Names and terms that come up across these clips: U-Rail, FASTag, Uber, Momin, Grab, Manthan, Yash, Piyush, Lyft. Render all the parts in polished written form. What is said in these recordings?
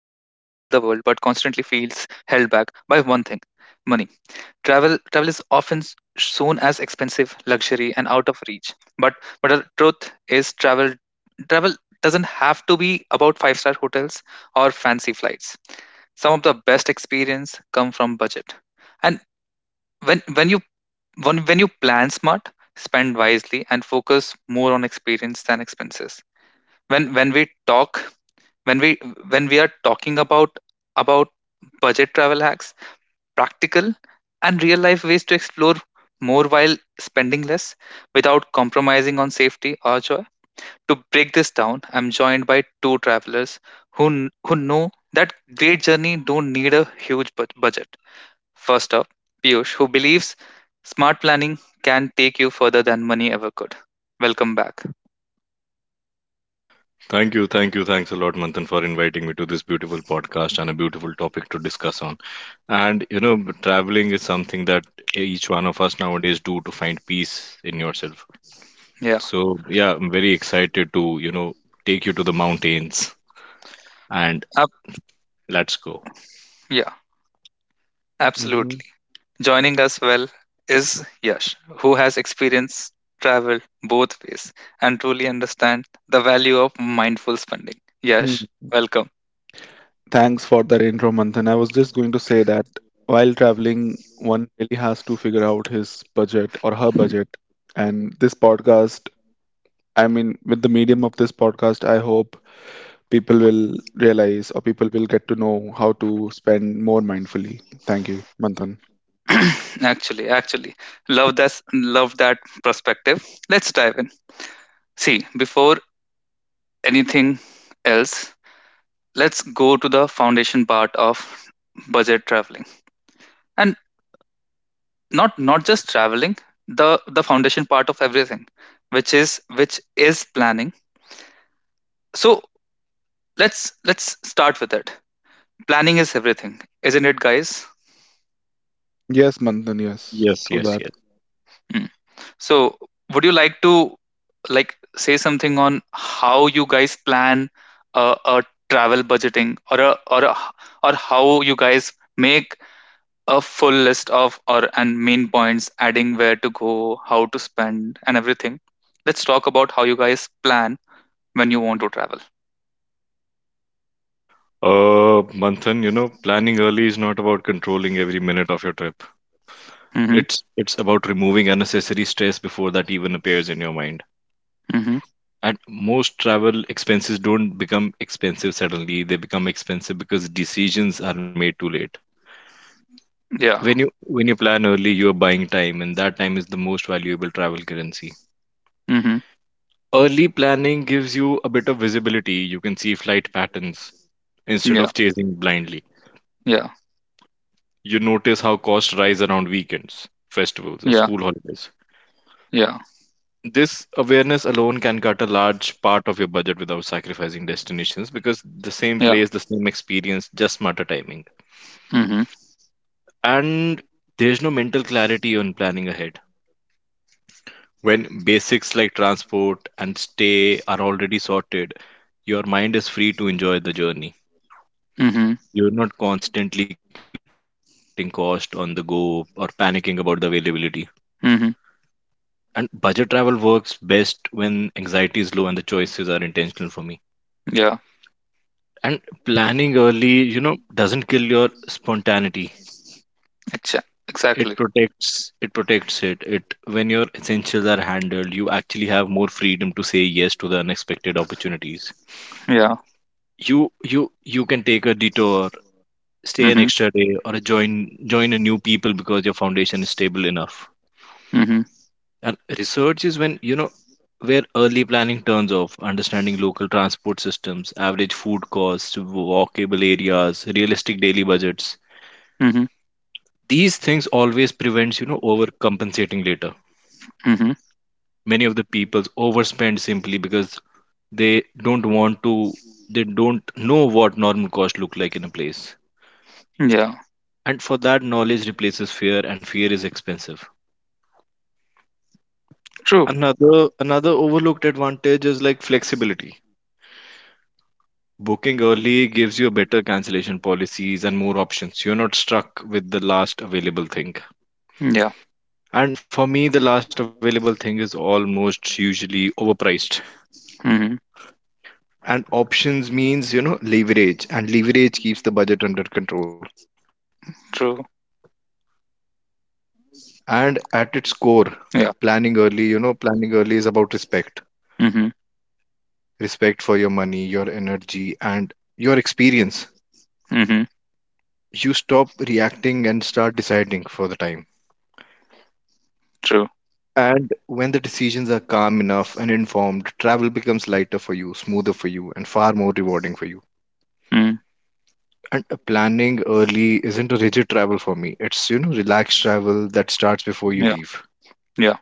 feels held back by one thing money. Travel is often shown as expensive, luxury, and out of reach. But but the truth is, travel doesn't have to be about five-star hotels or fancy flights. Some of the best experience come from budget. And when when you when you plan smart, spend wisely, and focus more on experience than expenses. When when we talk when we when we are talking about budget travel hacks, practical and real life ways to explore more while spending less without compromising on safety or joy. To break this down, I'm joined by two travelers who know that great journey don't need a huge budget. First up, Piyush, who believes smart planning can take you further than money ever could. Welcome back. Thank you, thanks a lot, Manthan, for inviting me to this beautiful podcast and a beautiful topic to discuss on. And you know, traveling is something that each one of us nowadays do to find peace in yourself. Yeah. So yeah, I'm very excited to take you to the mountains and Ab- let's go. yeah, Mhm. absolutely. Joining us well is Yash, who has experience travel both ways and truly understand the value of mindful spending. Hmm. Yash, welcome. Thanks for that intro, Manthan. I was just going to say that while traveling, one really has to figure out his budget or her budget. And this podcast, I mean, with the medium of this podcast, I hope people will realize or people will get to know how to spend more mindfully. Thank you, Manthan. Actually, love that perspective. Let's dive in. See, before anything else, let's go to the foundation part of budget traveling, and not just traveling, the foundation part of everything, which is planning. So let's start with it. Planning is everything, isn't it, guys? Yes, Manthan, yes. Yes, True yes, that. yes. Hmm. So would you like to, like, say something on how you guys plan a travel budgeting, or or how you guys make a full list of, or and main points, adding where to go, how to spend, and everything. Let's talk about how you guys plan when you want to travel. Manthan, you know, planning early is not about controlling every minute of your trip. Mm-hmm. It's about removing unnecessary stress before that even appears in your mind. Mm-hmm. At most, travel expenses don't become expensive suddenly. They become expensive because decisions are made too late. Yeah. When you when you plan early, you are buying time, and that time is the most valuable travel currency. Mm-hmm. Early planning gives you a bit of visibility. You can see flight patterns instead Yeah. of chasing blindly. Yeah. You notice how costs rise around weekends, festivals, or Yeah. school holidays. Yeah. This awareness alone can cut a large part of your budget without sacrificing destinations, because the same Yeah. place, the same experience, just matter timing. Mm-hmm. And there's no mental clarity on planning ahead. When basics like transport and stay are already sorted, your mind is free to enjoy the journey. Mm-hmm. You're not constantly calculating cost on the go or panicking about the availability. Mm-hmm. And budget travel works best when anxiety is low and the choices are intentional for me. Yeah. And planning early, you know, doesn't kill your spontaneity. Exa- It exactly. protects it, It, when your essentials are handled, you actually have more freedom to say yes to the unexpected opportunities. Yeah. You can take a detour, stay an Mm-hmm. extra day, or join a new people because your foundation is stable enough. Mm-hmm. And research is when, you know, where early planning turns off: understanding local transport systems, average food costs, walkable areas, realistic daily budgets. Mm-hmm. These things always prevents, you know, overcompensating later. Mm-hmm. Many of the people overspend simply because they don't want to they don't know what normal cost look like in a place. Yeah. And for that, knowledge replaces fear, and fear is expensive. True. Another overlooked advantage is like flexibility. Booking early gives you better cancellation policies and more options. You're not stuck with the last available thing, Yeah. and for me, the last available thing is almost usually overpriced. Mm-hmm. And options means, you know, leverage, and leverage keeps the budget under control. True. And at its core, planning Yeah. early, you know, planning early is about respect. Mm-hmm. Respect for your money, your energy, and your experience. Mm-hmm. You stop reacting and start deciding for the time. True. And when the decisions are calm enough and informed, travel becomes lighter for you, smoother for you, and far more rewarding for you. Mm. And planning early isn't a rigid travel for me. It's, you know, relaxed travel that starts before you Yeah. leave. Yeah.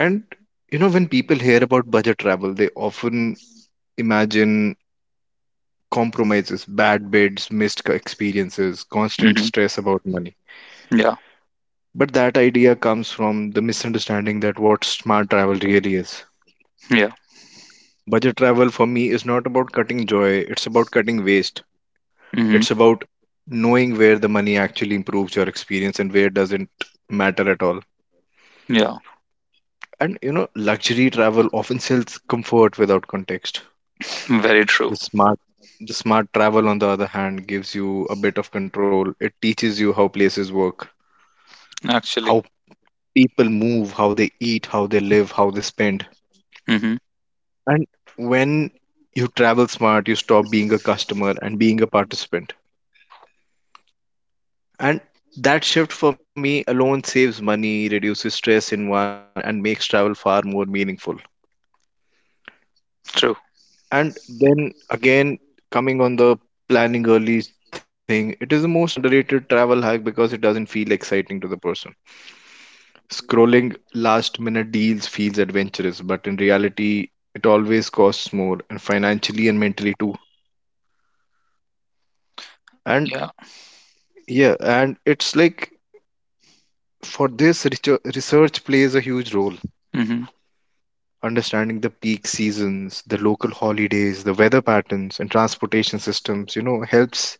And, you know, when people hear about budget travel, they often imagine compromises, bad bids, missed experiences, constant Mm-hmm. stress about money. Yeah. But that idea comes from the misunderstanding that what smart travel really is. Yeah. Budget travel for me is not about cutting joy, it's about cutting waste. Mm-hmm. It's about knowing where the money actually improves your experience and where doesn't matter at all. Yeah. And you know, luxury travel often sells comfort without context. Very true. The smart the smart travel, on the other hand, gives you a bit of control. It teaches you how places work, Actually. how people move, how they eat, how they live, how they spend. Mhm. And when you travel smart, you stop being a customer and being a participant. And that shift for me alone saves money, reduces stress in one, and makes travel far more meaningful. True. And then again, coming on the planning early thing, it is the most underrated travel hack because it doesn't feel exciting to the person. Scrolling last minute deals feels adventurous, but in reality, it always costs more, and financially and mentally too. And Yeah. yeah, and it's like, for this, research plays a huge role. Mhm. Understanding the peak seasons, the local holidays, the weather patterns, and transportation systems, you know, helps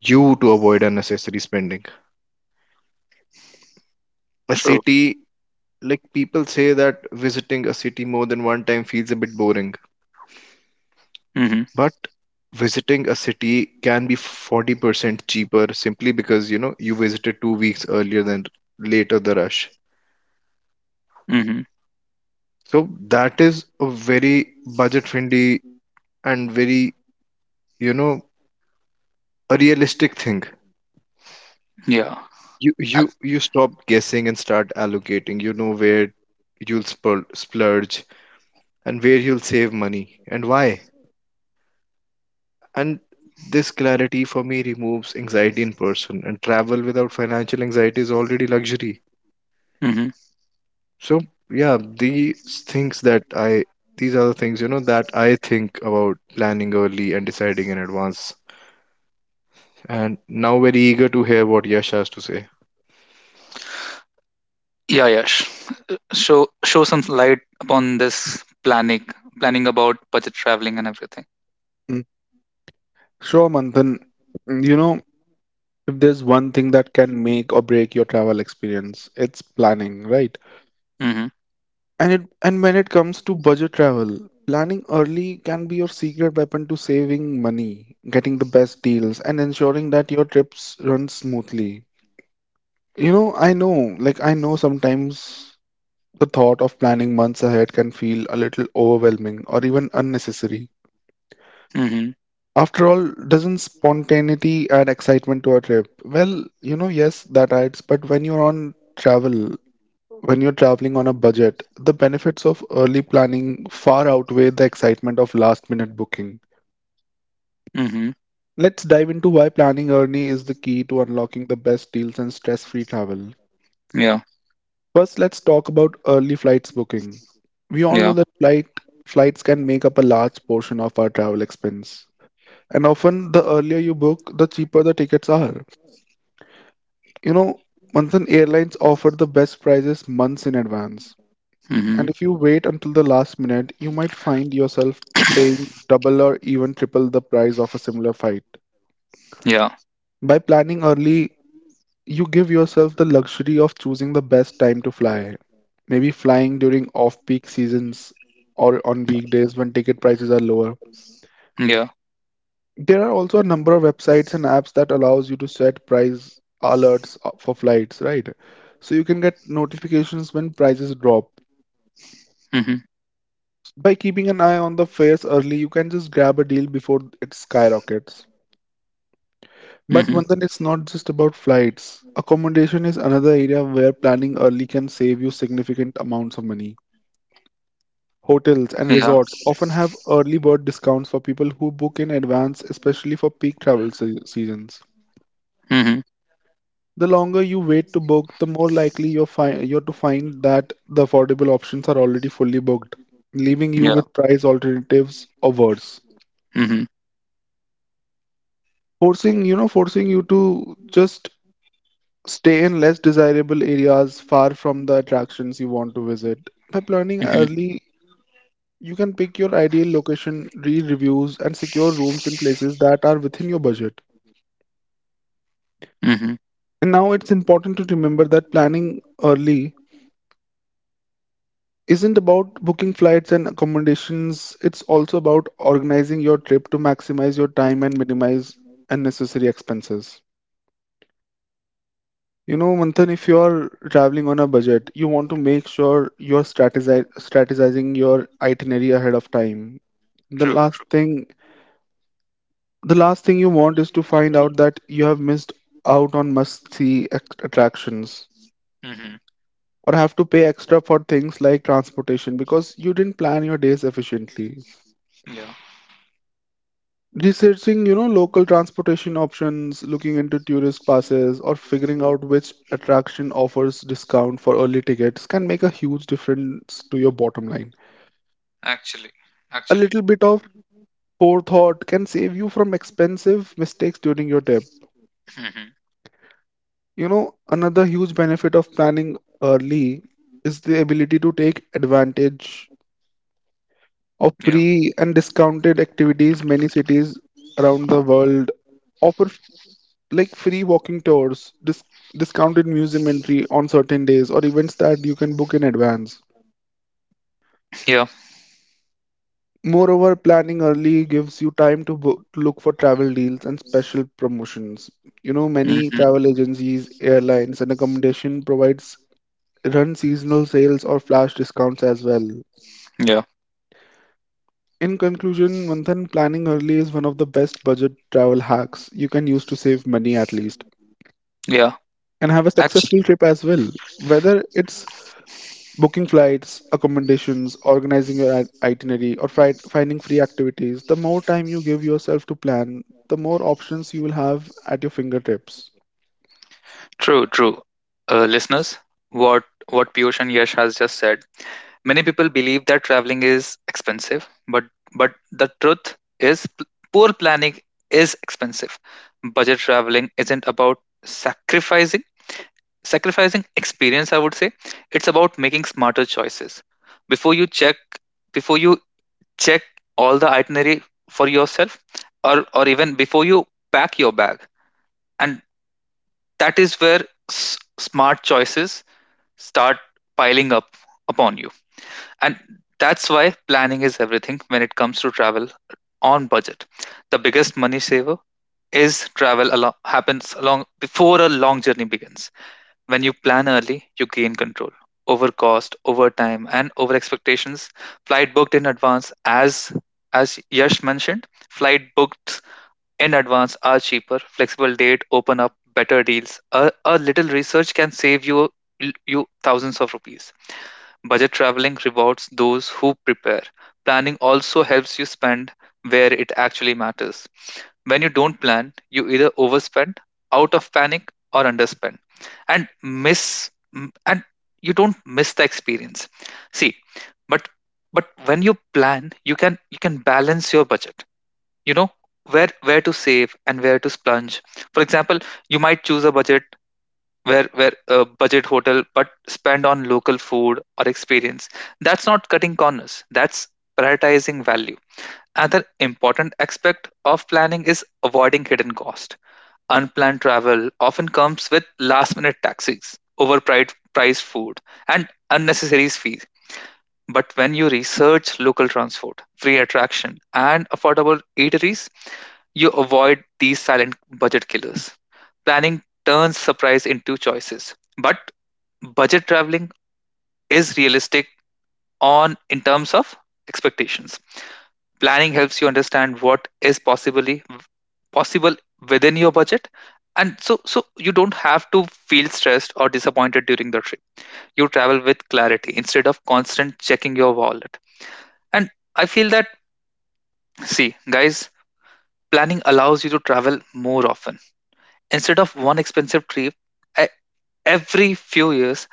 you to avoid unnecessary spending. A True. city, like, people say that visiting a city more than one time feels a bit boring. Mhm. But visiting a city can be 40% cheaper simply because, you know, you visited 2 weeks earlier than later the rush. Mhm. So that is a very budget friendly and very, you know, a realistic thing. Yeah. You you Ac- you stop guessing and start allocating. You know where you'll splurge and where you'll save money and why. And this clarity for me removes anxiety in person, and travel without financial anxiety is already luxury. Mhm. So yeah, things that I these are the things, you know, that I think about planning early and deciding in advance. And now very eager to hear what Yash has to say. Yeah, Yash. Show some light upon this planning about budget traveling and everything. Mm. Sure, Manthan. Mm, You know, if there's one thing that can make or break your travel experience, it's planning, right? Mhm. And when it comes to budget travel, planning early can be your secret weapon to saving money, getting the best deals, and ensuring that your trips run smoothly. I know sometimes the thought of planning months ahead can feel a little overwhelming or even unnecessary. Mhm. After all, doesn't spontaneity add excitement to a trip? Well, yes, that adds, but when you're traveling on a budget, the benefits of early planning far outweigh the excitement of last minute booking. Mhm. Let's dive into why planning early is the key to unlocking the best deals and stress free travel. Yeah. First, let's talk about early flights booking. We all know Yeah. that flights can make up a large portion of our travel expense. And often, the earlier you book, the cheaper the tickets are. You know, Manthan, airlines offer the best prices months in advance. Mhm. And if you wait until the last minute, you might find yourself paying double or even triple the price of a similar fight. Yeah. By planning early, you give yourself the luxury of choosing the best time to fly. Maybe flying during off peak seasons or on weekdays when ticket prices are lower. Yeah. There are also a number of websites and apps that allows you to set price alerts for flights, right? So you can get notifications when prices drop. Mhm. By keeping an eye on the fares early, you can just grab a deal before it skyrockets. Mhm. But one thing, it's not just about flights. Accommodation is another area where planning early can save you significant amounts of money. Hotels and Yeah. resorts often have early bird discounts for people who book in advance, especially for peak travel seasons. Mhm. The longer you wait to book, the more likely you're to find that the affordable options are already fully booked, leaving Yeah. you with price alternatives or worse, Mhm. forcing you to just stay in less desirable areas far from the attractions you want to visit. By planning Mhm. early, you can pick your ideal location, read reviews, and secure rooms in places that are within your budget. Mhm. And now it's important to remember that planning early isn't about booking flights and accommodations. It's also about organizing your trip to maximize your time and minimize unnecessary expenses. Manthan, if you're traveling on a budget, you want to make sure you're strategizing your itinerary ahead of time. The True. True. last thing, the last thing you want is to find out that you have missed out on must-see attractions Mhm. or have to pay extra for things like transportation because you didn't plan your days efficiently. Yeah. Researching, local transportation options, looking into tourist passes, or figuring out which attraction offers discount for early tickets can make a huge difference to your bottom line. Actually. A Actually. little bit of forethought can save you from expensive mistakes during your trip. Mhm. Another huge benefit of planning early is the ability to take advantage of Yeah. free and discounted activities. Many cities around the world offer like free walking tours, discounted museum entry on certain days, or events that you can book in advance. Yeah. Moreover, planning early gives you time to book, to look for travel deals and special promotions. Many Mhm. travel agencies, airlines, and accommodation provides run seasonal sales or flash discounts as well. Yeah. In conclusion, Manthan, planning early is one of the best budget travel hacks you can use to save money, at least, Yeah. and have a Actually. successful trip as well. Whether it's booking flights, accommodations, organizing your itinerary, or finding free activities, the more time you give yourself to plan, the more options you will have at your fingertips. True, true. Listeners, what Piyush and Yash has just said. Many people believe that traveling is expensive, but the truth is poor planning is expensive. Budget traveling isn't about sacrificing sacrificing experience, I would say. It's about making smarter choices. Before you check before you check all the itinerary for yourself, or even before you pack your bag. And that is where s- smart choices start piling up upon you. And that's why planning is everything when it comes to travel on budget. The biggest money saver happens along before a long journey begins. When you plan early, you gain control over cost, over time, and over expectations. Flight booked in advance, as Yash mentioned, flight booked in advance are cheaper. Flexible date open up better deals. A little research can save you thousands of rupees. Budget traveling rewards those who prepare. Planning also helps you spend where it actually matters. When you don't plan, you either overspend out of panic, or underspend, and miss and you don't miss the experience. See, but but when you plan, you can balance your budget. You know where to save and where to splurge. For example, you might choose a budget, where a budget hotel, but spend on local food or experience. That's not cutting corners, that's prioritizing value. Another important aspect of planning is avoiding hidden cost. Unplanned travel often comes with last minute taxis, overpriced priced food, and unnecessary fees. But when you research local transport, free attraction, and affordable eateries, you avoid these silent budget killers. Planning turns surprise into choices. But budget traveling is realistic on in terms of expectations. Planning helps you understand what is possibly possible within your budget, and so you don't have to feel stressed or disappointed during the trip. You travel with clarity instead of constant checking your wallet. And I feel that, see guys, planning allows you to travel more often. Instead of one expensive trip, e- every few years,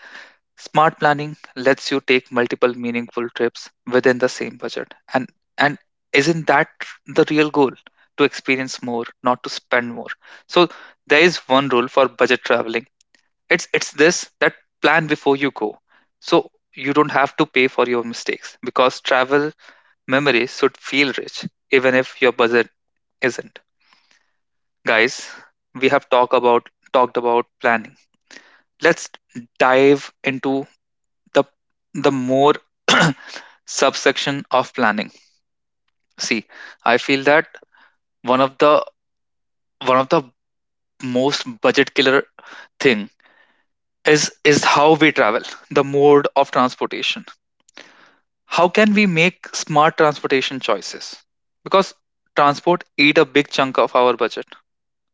smart planning lets you take multiple meaningful trips within the same budget. And isn't that the real goal? To experience more, not to spend more. So there is one rule for budget traveling. It's this, that plan before you go, so you don't have to pay for your mistakes, because travel memories should feel rich even if your budget isn't. Guys, we have talked about planning. Let's dive into the the more subsection of planning. See, I feel that one of the one of the most budget killer thing is how we travel, the mode of transportation. How can we make smart transportation choices? Because transport eat a big chunk of our budget.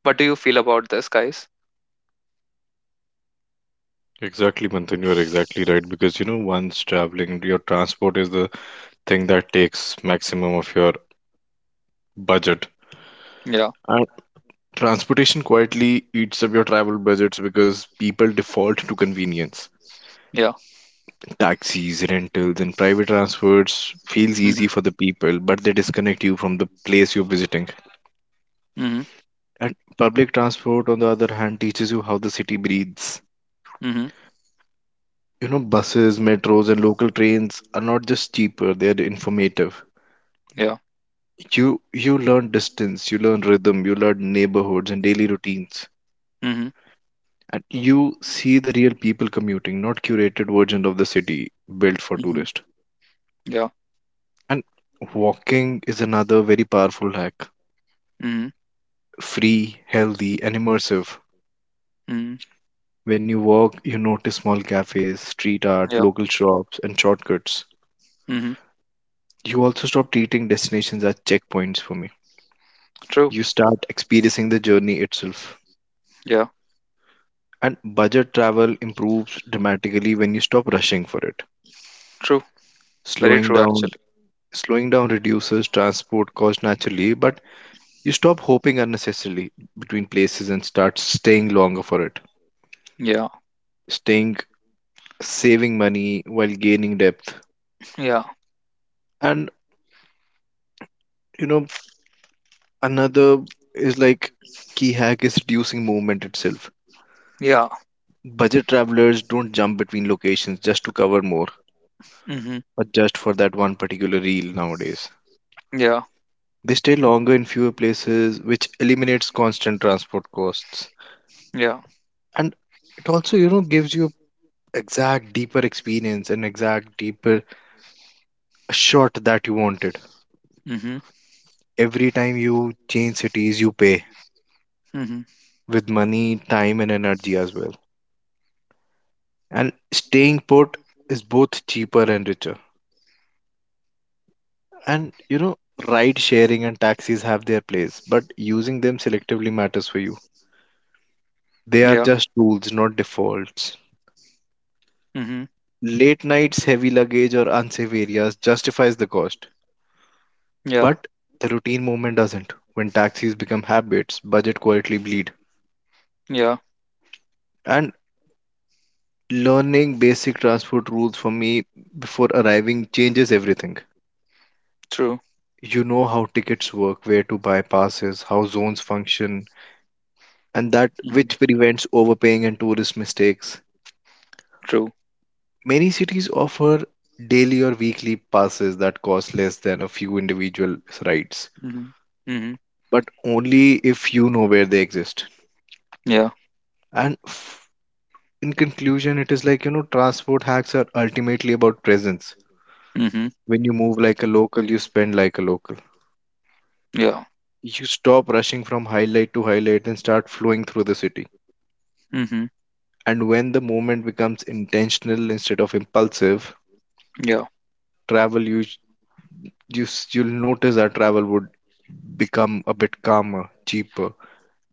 What do you feel about this, guys? Exactly, Manthan, you are exactly right, because you know, once traveling, your transport is the thing that takes maximum of your budget. Yeah, And transportation quietly eats up your travel budgets because people default to convenience. yeah. Taxis, rentals, and private transfers feels easy for Mm-hmm. the people, but they disconnect you from the place you're visiting. Mm-hmm. And public transport, on the other hand, teaches you how the city breathes. Mm-hmm. You know, buses, metros, and local trains are not just cheaper, they are informative. Yeah. You learn distance, you learn rhythm, you learn neighborhoods and daily routines. Mm-hmm. And you see the real people commuting, not curated version of the city built for Mm-hmm. tourists. Yeah. And walking is another very powerful hack. Mm-hmm. Free, healthy, and immersive. Mm-hmm. When you walk, you notice small cafes, street art, Yeah. local shops, and shortcuts. Mm-hmm. You also stop treating destinations as checkpoints for me. True. You start experiencing the journey itself. Yeah. And budget travel improves dramatically when you stop rushing for it. True, very Slowing true down actually. slowing down reduces transport cost naturally, but you stop hopping unnecessarily between places and start staying longer for it. Yeah, Staying saving money while gaining depth. yeah, And you know, another is like, key hack is reducing movement itself. yeah. Budget travelers don't jump between locations just to cover more, Mm-hmm. or just for that one particular reel nowadays. Yeah, They stay longer in fewer places, which eliminates constant transport costs. yeah. And it also, you know, gives you exact deeper experience and exact deeper shot that you wanted. Mm-hmm. Every time you change cities, you pay Mm-hmm. with money, time, and energy as well. And staying put is both cheaper and richer. And you know, ride sharing and taxis have their place, but using them selectively matters for you. They are Yeah. just tools, not defaults. Mm-hmm. Late nights, heavy luggage, or unsafe areas justifies the cost, Yeah. but the routine movement doesn't. When taxis become habits, budget quietly bleed. Yeah. And learning basic transport rules for me before arriving changes everything. True. You know how tickets work, where to buy passes, how zones function, and that Mm-hmm. which prevents overpaying and tourist mistakes. True. Many cities offer daily or weekly passes that cost less than a few individual rides, Mm-hmm. Mm-hmm. but only if you know where they exist. Yeah. And in conclusion, it is like, you know, transport hacks are ultimately about presence. Mm-hmm. When you move like a local, you spend like a local. Yeah. You stop rushing from highlight to highlight and start flowing through the city. Mm-hmm. And when the moment becomes intentional instead of impulsive, Yeah. travel you, you you'll notice that travel would become a bit calmer, cheaper,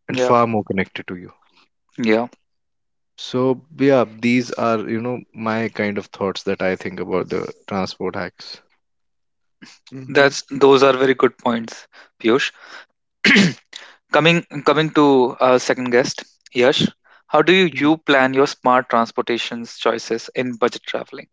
and Yeah. far more connected to you. Yeah. So, yeah, these are, you know, my kind of thoughts that I think about the transport hacks. Hmm. That's Those are very good points, Piyush. Coming to our second guest, Yash. How do you plan your smart transportations choices in budget traveling?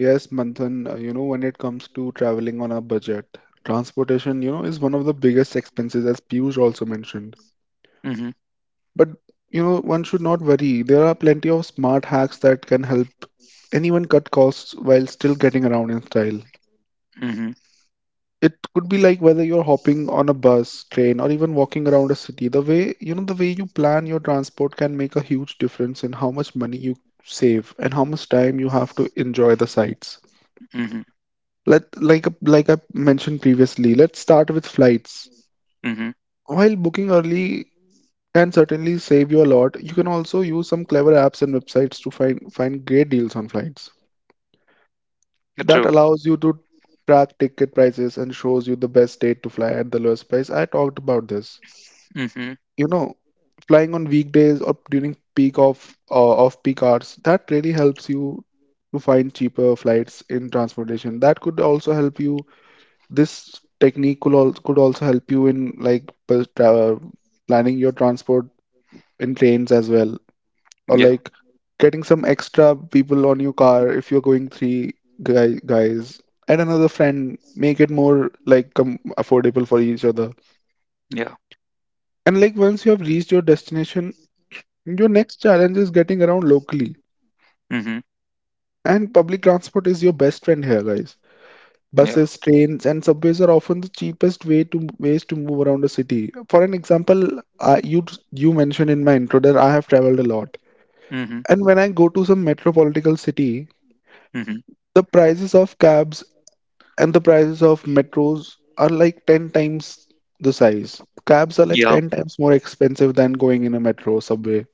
Yes, Manthan, when it comes to traveling on a budget, transportation, is one of the biggest expenses, as Piyush also mentioned. Mm-hmm. But, one should not worry. There are plenty of smart hacks that can help anyone cut costs while still getting around in style. Mm-hmm. It could be like whether you're hopping on a bus, train, or even walking around a city. The way you plan your transport can make a huge difference in how much money you save and how much time you have to enjoy the sights. Mm-hmm. Let like I mentioned previously, let's start with flights. Mm-hmm. While booking early can certainly save you a lot, you can also use some clever apps and websites to find great deals on flights. That True. allows you to track ticket prices and shows you the best date to fly at the lowest price. I talked about this. Mm-hmm. you know flying on weekdays or during peak of off peak hours, that really helps you to find cheaper flights in transportation. That could also help you. This technique could also help you in planning your transport in trains as well, or Yeah. like getting some extra people on your car. If you're going three guys and another friend, make it more like affordable for each other. Yeah. And like once you have reached your destination, your next challenge is getting around locally, Mhm. and public transport is your best friend here, guys. Yeah. Buses, trains, and subways are often the cheapest ways to move around a city. For an example, you you mentioned in my intro that I have traveled a lot, Mhm. and when I go to some metropolitan city, Mhm. the prices of cabs and the prices of metros are like 10 times the size. Cabs are like Yeah. 10 times more expensive than going in a metro, subway.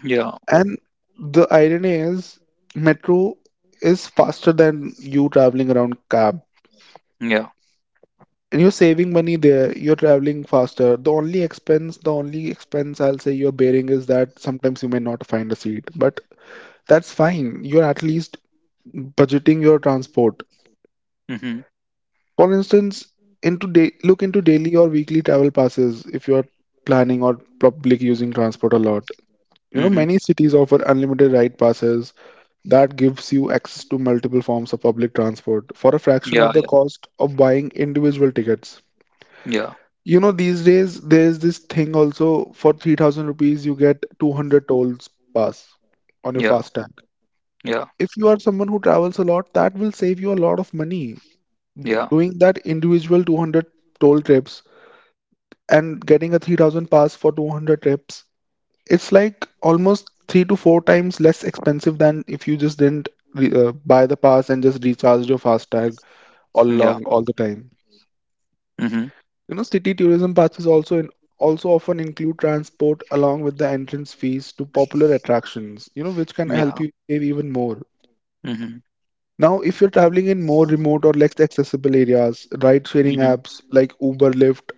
Yeah. And the irony is, metro is faster than you traveling around cab. Yeah. And you're saving money there, you're traveling faster. The only expense I'll say you're bearing is that sometimes you may not find a seat, but that's fine. You're at least budgeting your transport. Mhm. For instance, look into daily or weekly travel passes if you're planning or public using transport a lot. Mhm. Many cities offer unlimited ride passes that gives you access to multiple forms of public transport for a fraction Yeah. of the cost of buying individual tickets. Yeah. These days there's this thing also for 3,000 rupees, you get 200 tolls pass on your Yeah. fast tag. Yeah. Yeah. If you are someone who travels a lot, that will save you a lot of money. Yeah. Doing that individual 200 toll trips and getting a 3,000 pass for 200 trips, it's like almost three to four times less expensive than if you just didn't re buy the pass and just recharge your FASTag all Yeah. along all the time. Mhm. City tourism passes also often include transport along with the entrance fees to popular attractions, which can help Yeah. you save even more. Mhm. Now, if you're traveling in more remote or less accessible areas, ride-sharing Mhm. apps like Uber, Lyft,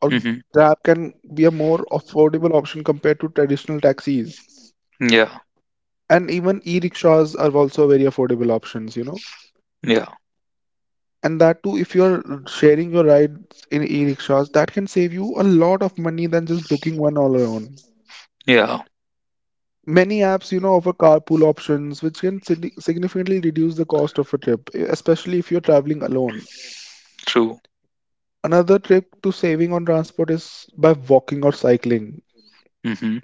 or Mhm. Grab can be a more affordable option compared to traditional taxis. Yeah. And even e-rickshaws are also very affordable options. Yeah. And that too, if you're sharing your rides in e-rickshaws, that can save you a lot of money than just booking one all alone. Yeah. Many apps, offer carpool options which can significantly reduce the cost of a trip, especially if you're traveling alone. True. Another trick to saving on transport is by walking or cycling. Mhm.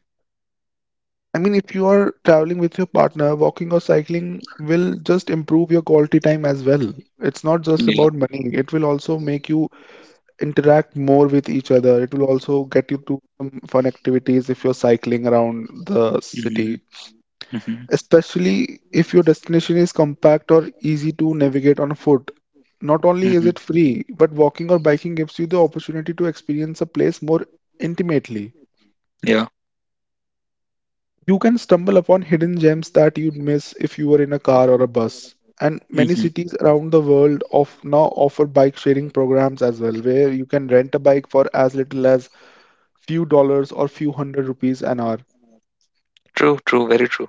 I mean, if you are traveling with your partner, walking or cycling will just improve your quality time as well. It's not just Yeah. about money, it will also make you interact more with each other. It will also get you to some fun activities if you're cycling around the Mhm. city, Mhm. especially if your destination is compact or easy to navigate on foot. Not only is Mhm. it free, but walking or biking gives you the opportunity to experience a place more intimately. Yeah. You can stumble upon hidden gems that you'd miss if you were in a car or a bus. And many Mhm. cities around the world of now offer bike sharing programs as well, where you can rent a bike for as little as few dollars or few hundred rupees an hour. True. True. Very true.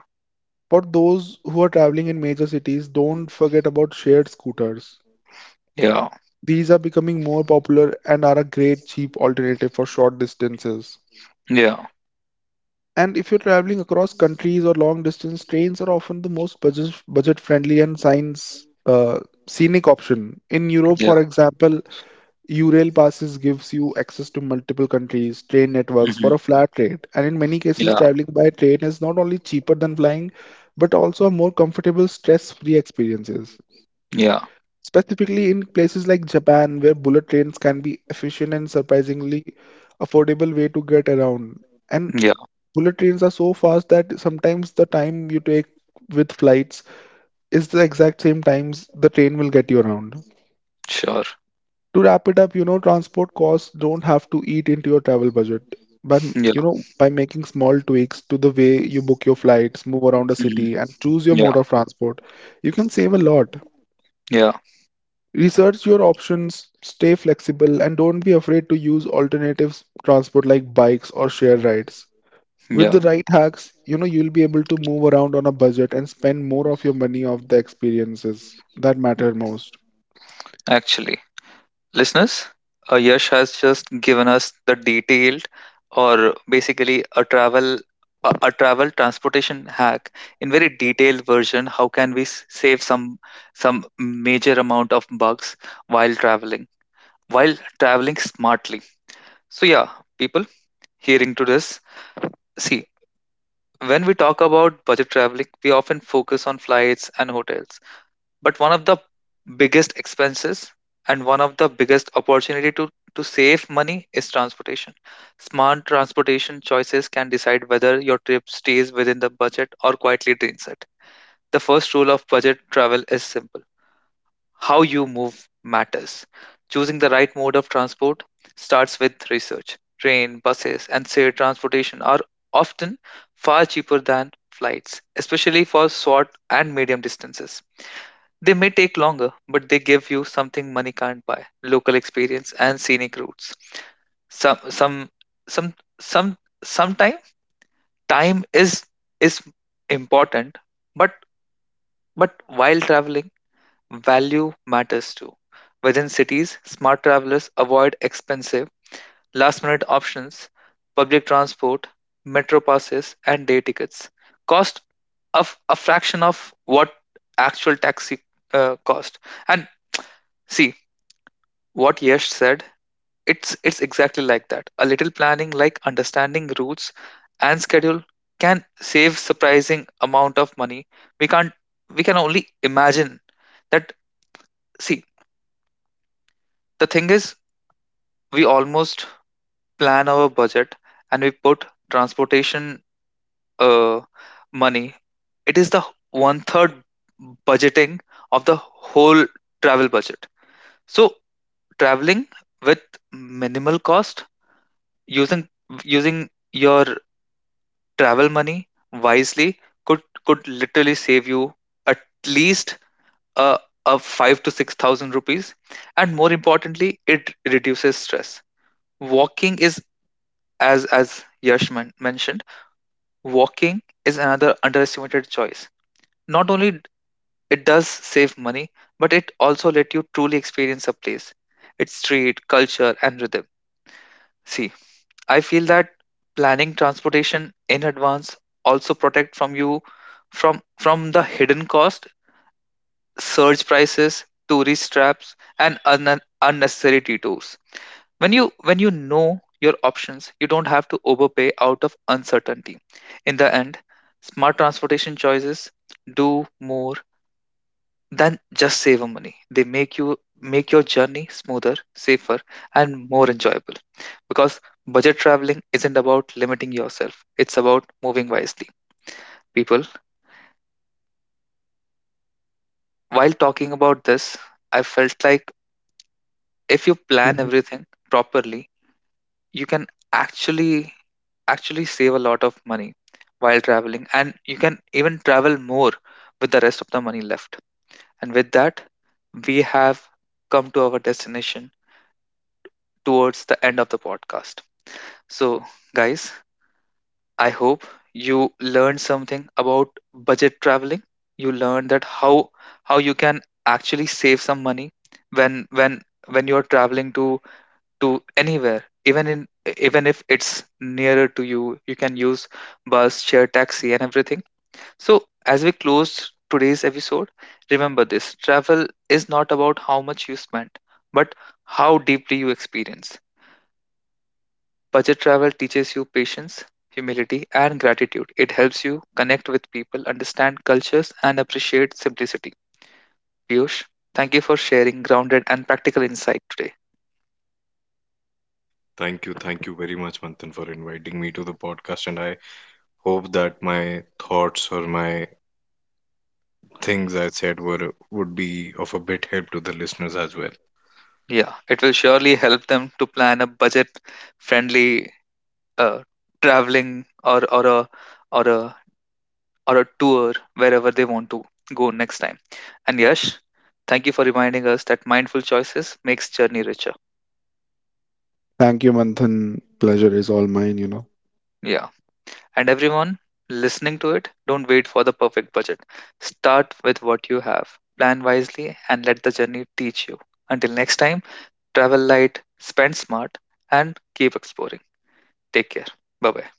For those who are traveling in major cities, don't forget about shared scooters. Yeah. These are becoming more popular and are a great cheap alternative for short distances. Yeah. And if you're traveling across countries or long distance, trains are often the most budget friendly and science scenic option. In Europe, Yeah. for example, U-Rail passes gives you access to multiple countries, train networks for Mhm. a flat rate, and in many cases, Yeah. traveling by train is not only cheaper than flying, but also a more comfortable, stress-free experiences. Yeah. Specifically in places like Japan, where bullet trains can be efficient and surprisingly affordable way to get around. And Yeah. bullet trains are so fast that sometimes the time you take with flights is the exact same times the train will get you around. Sure. To wrap it up, transport costs don't have to eat into your travel budget. By, m- Yeah. you know, by making small tweaks to the way you book your flights, move around the Mhm. city, and choose your Yeah. mode of transport, you can save a lot. Yeah, Research your options, stay flexible, and don't be afraid to use alternative transport like bikes or shared rides. With the yeah. right hacks, you'll be able to move around on a budget and spend more of your money of the experiences that matter most. Actually, listeners, Yash has just given us the detailed, or basically a travel, a travel transportation hack in very detailed version. How can we save some major amount of bugs while traveling, while traveling smartly? So yeah, people hearing to this, see. When we talk about budget traveling, we often focus on flights and hotels. But one of the biggest expenses and one of the biggest opportunity to save money is transportation. Smart transportation choices can decide whether your trip stays within the budget or quietly drains it. The first rule of budget travel is simple. How you move matters. Choosing the right mode of transport starts with research. Train, buses, and shared transportation are often far cheaper than flights, especially for short and medium distances. They may take longer, but they give you something money can't buy: local experience and scenic routes. Some, some, some, sometime time is important, but but while traveling, value matters too. Within cities, smart travelers avoid expensive, last minute options, public transport, metro passes, and day tickets. Cost of a fraction of what actual taxi cost. And see, what Yash said, it's exactly like that. A little planning, like understanding routes and schedule, can save surprising amount of money. We can't We can only imagine that. See, the thing is, we almost plan our budget and we put transportation uh, money. It is the one third budgeting of the whole travel budget. So traveling with minimal cost, using using your travel money wisely, could could literally save you at least a, a 5 to 6,000 rupees. And more importantly, it reduces stress. Walking is, as Yash mentioned, walking is another underestimated choice. Not only it does save money, but it also let you truly experience a place, its street, culture, and rhythm. See, I feel that planning transportation in advance also protect from you from the hidden cost, surge prices, tourist traps, and unnecessary detours. When you know your options, you don't have to overpay out of uncertainty. In the end, smart transportation choices do more than just save money. They make your journey smoother, safer, and more enjoyable, because budget traveling isn't about limiting yourself, it's about moving wisely. People, while talking about this, I felt like, if you plan Mhm. everything properly, you can actually actually save a lot of money while traveling, and you can even travel more with the rest of the money left. And with that, we have come to our destination towards the end of the podcast. So guys, I hope you learned something about budget traveling. You learned that how you can actually save some money when when when you're traveling to anywhere, even if it's nearer to you, you can use bus, share taxi, and everything. So as we close today's episode, remember this: travel is not about how much you spend, but how deeply you experience. Budget travel teaches you patience, humility, and gratitude. It helps you connect with people, understand cultures, and appreciate simplicity. Piyush, thank you for sharing grounded and practical insight today. Thank you very much, Manthan, for inviting me to the podcast. And I hope that my thoughts or my things I said were would be of a bit help to the listeners as well. Yeah, it will surely help them to plan a budget-friendly uh, traveling or a or a tour wherever they want to go next time. And Yash, thank you for reminding us that mindful choices makes journey richer. Thank you, Manthan. Pleasure is all mine. Yeah, and everyone listening to it, don't wait for the perfect budget. Start with what you have. Plan wisely and let the journey teach you. Until next time, travel light, spend smart, and keep exploring. Take care. Bye bye.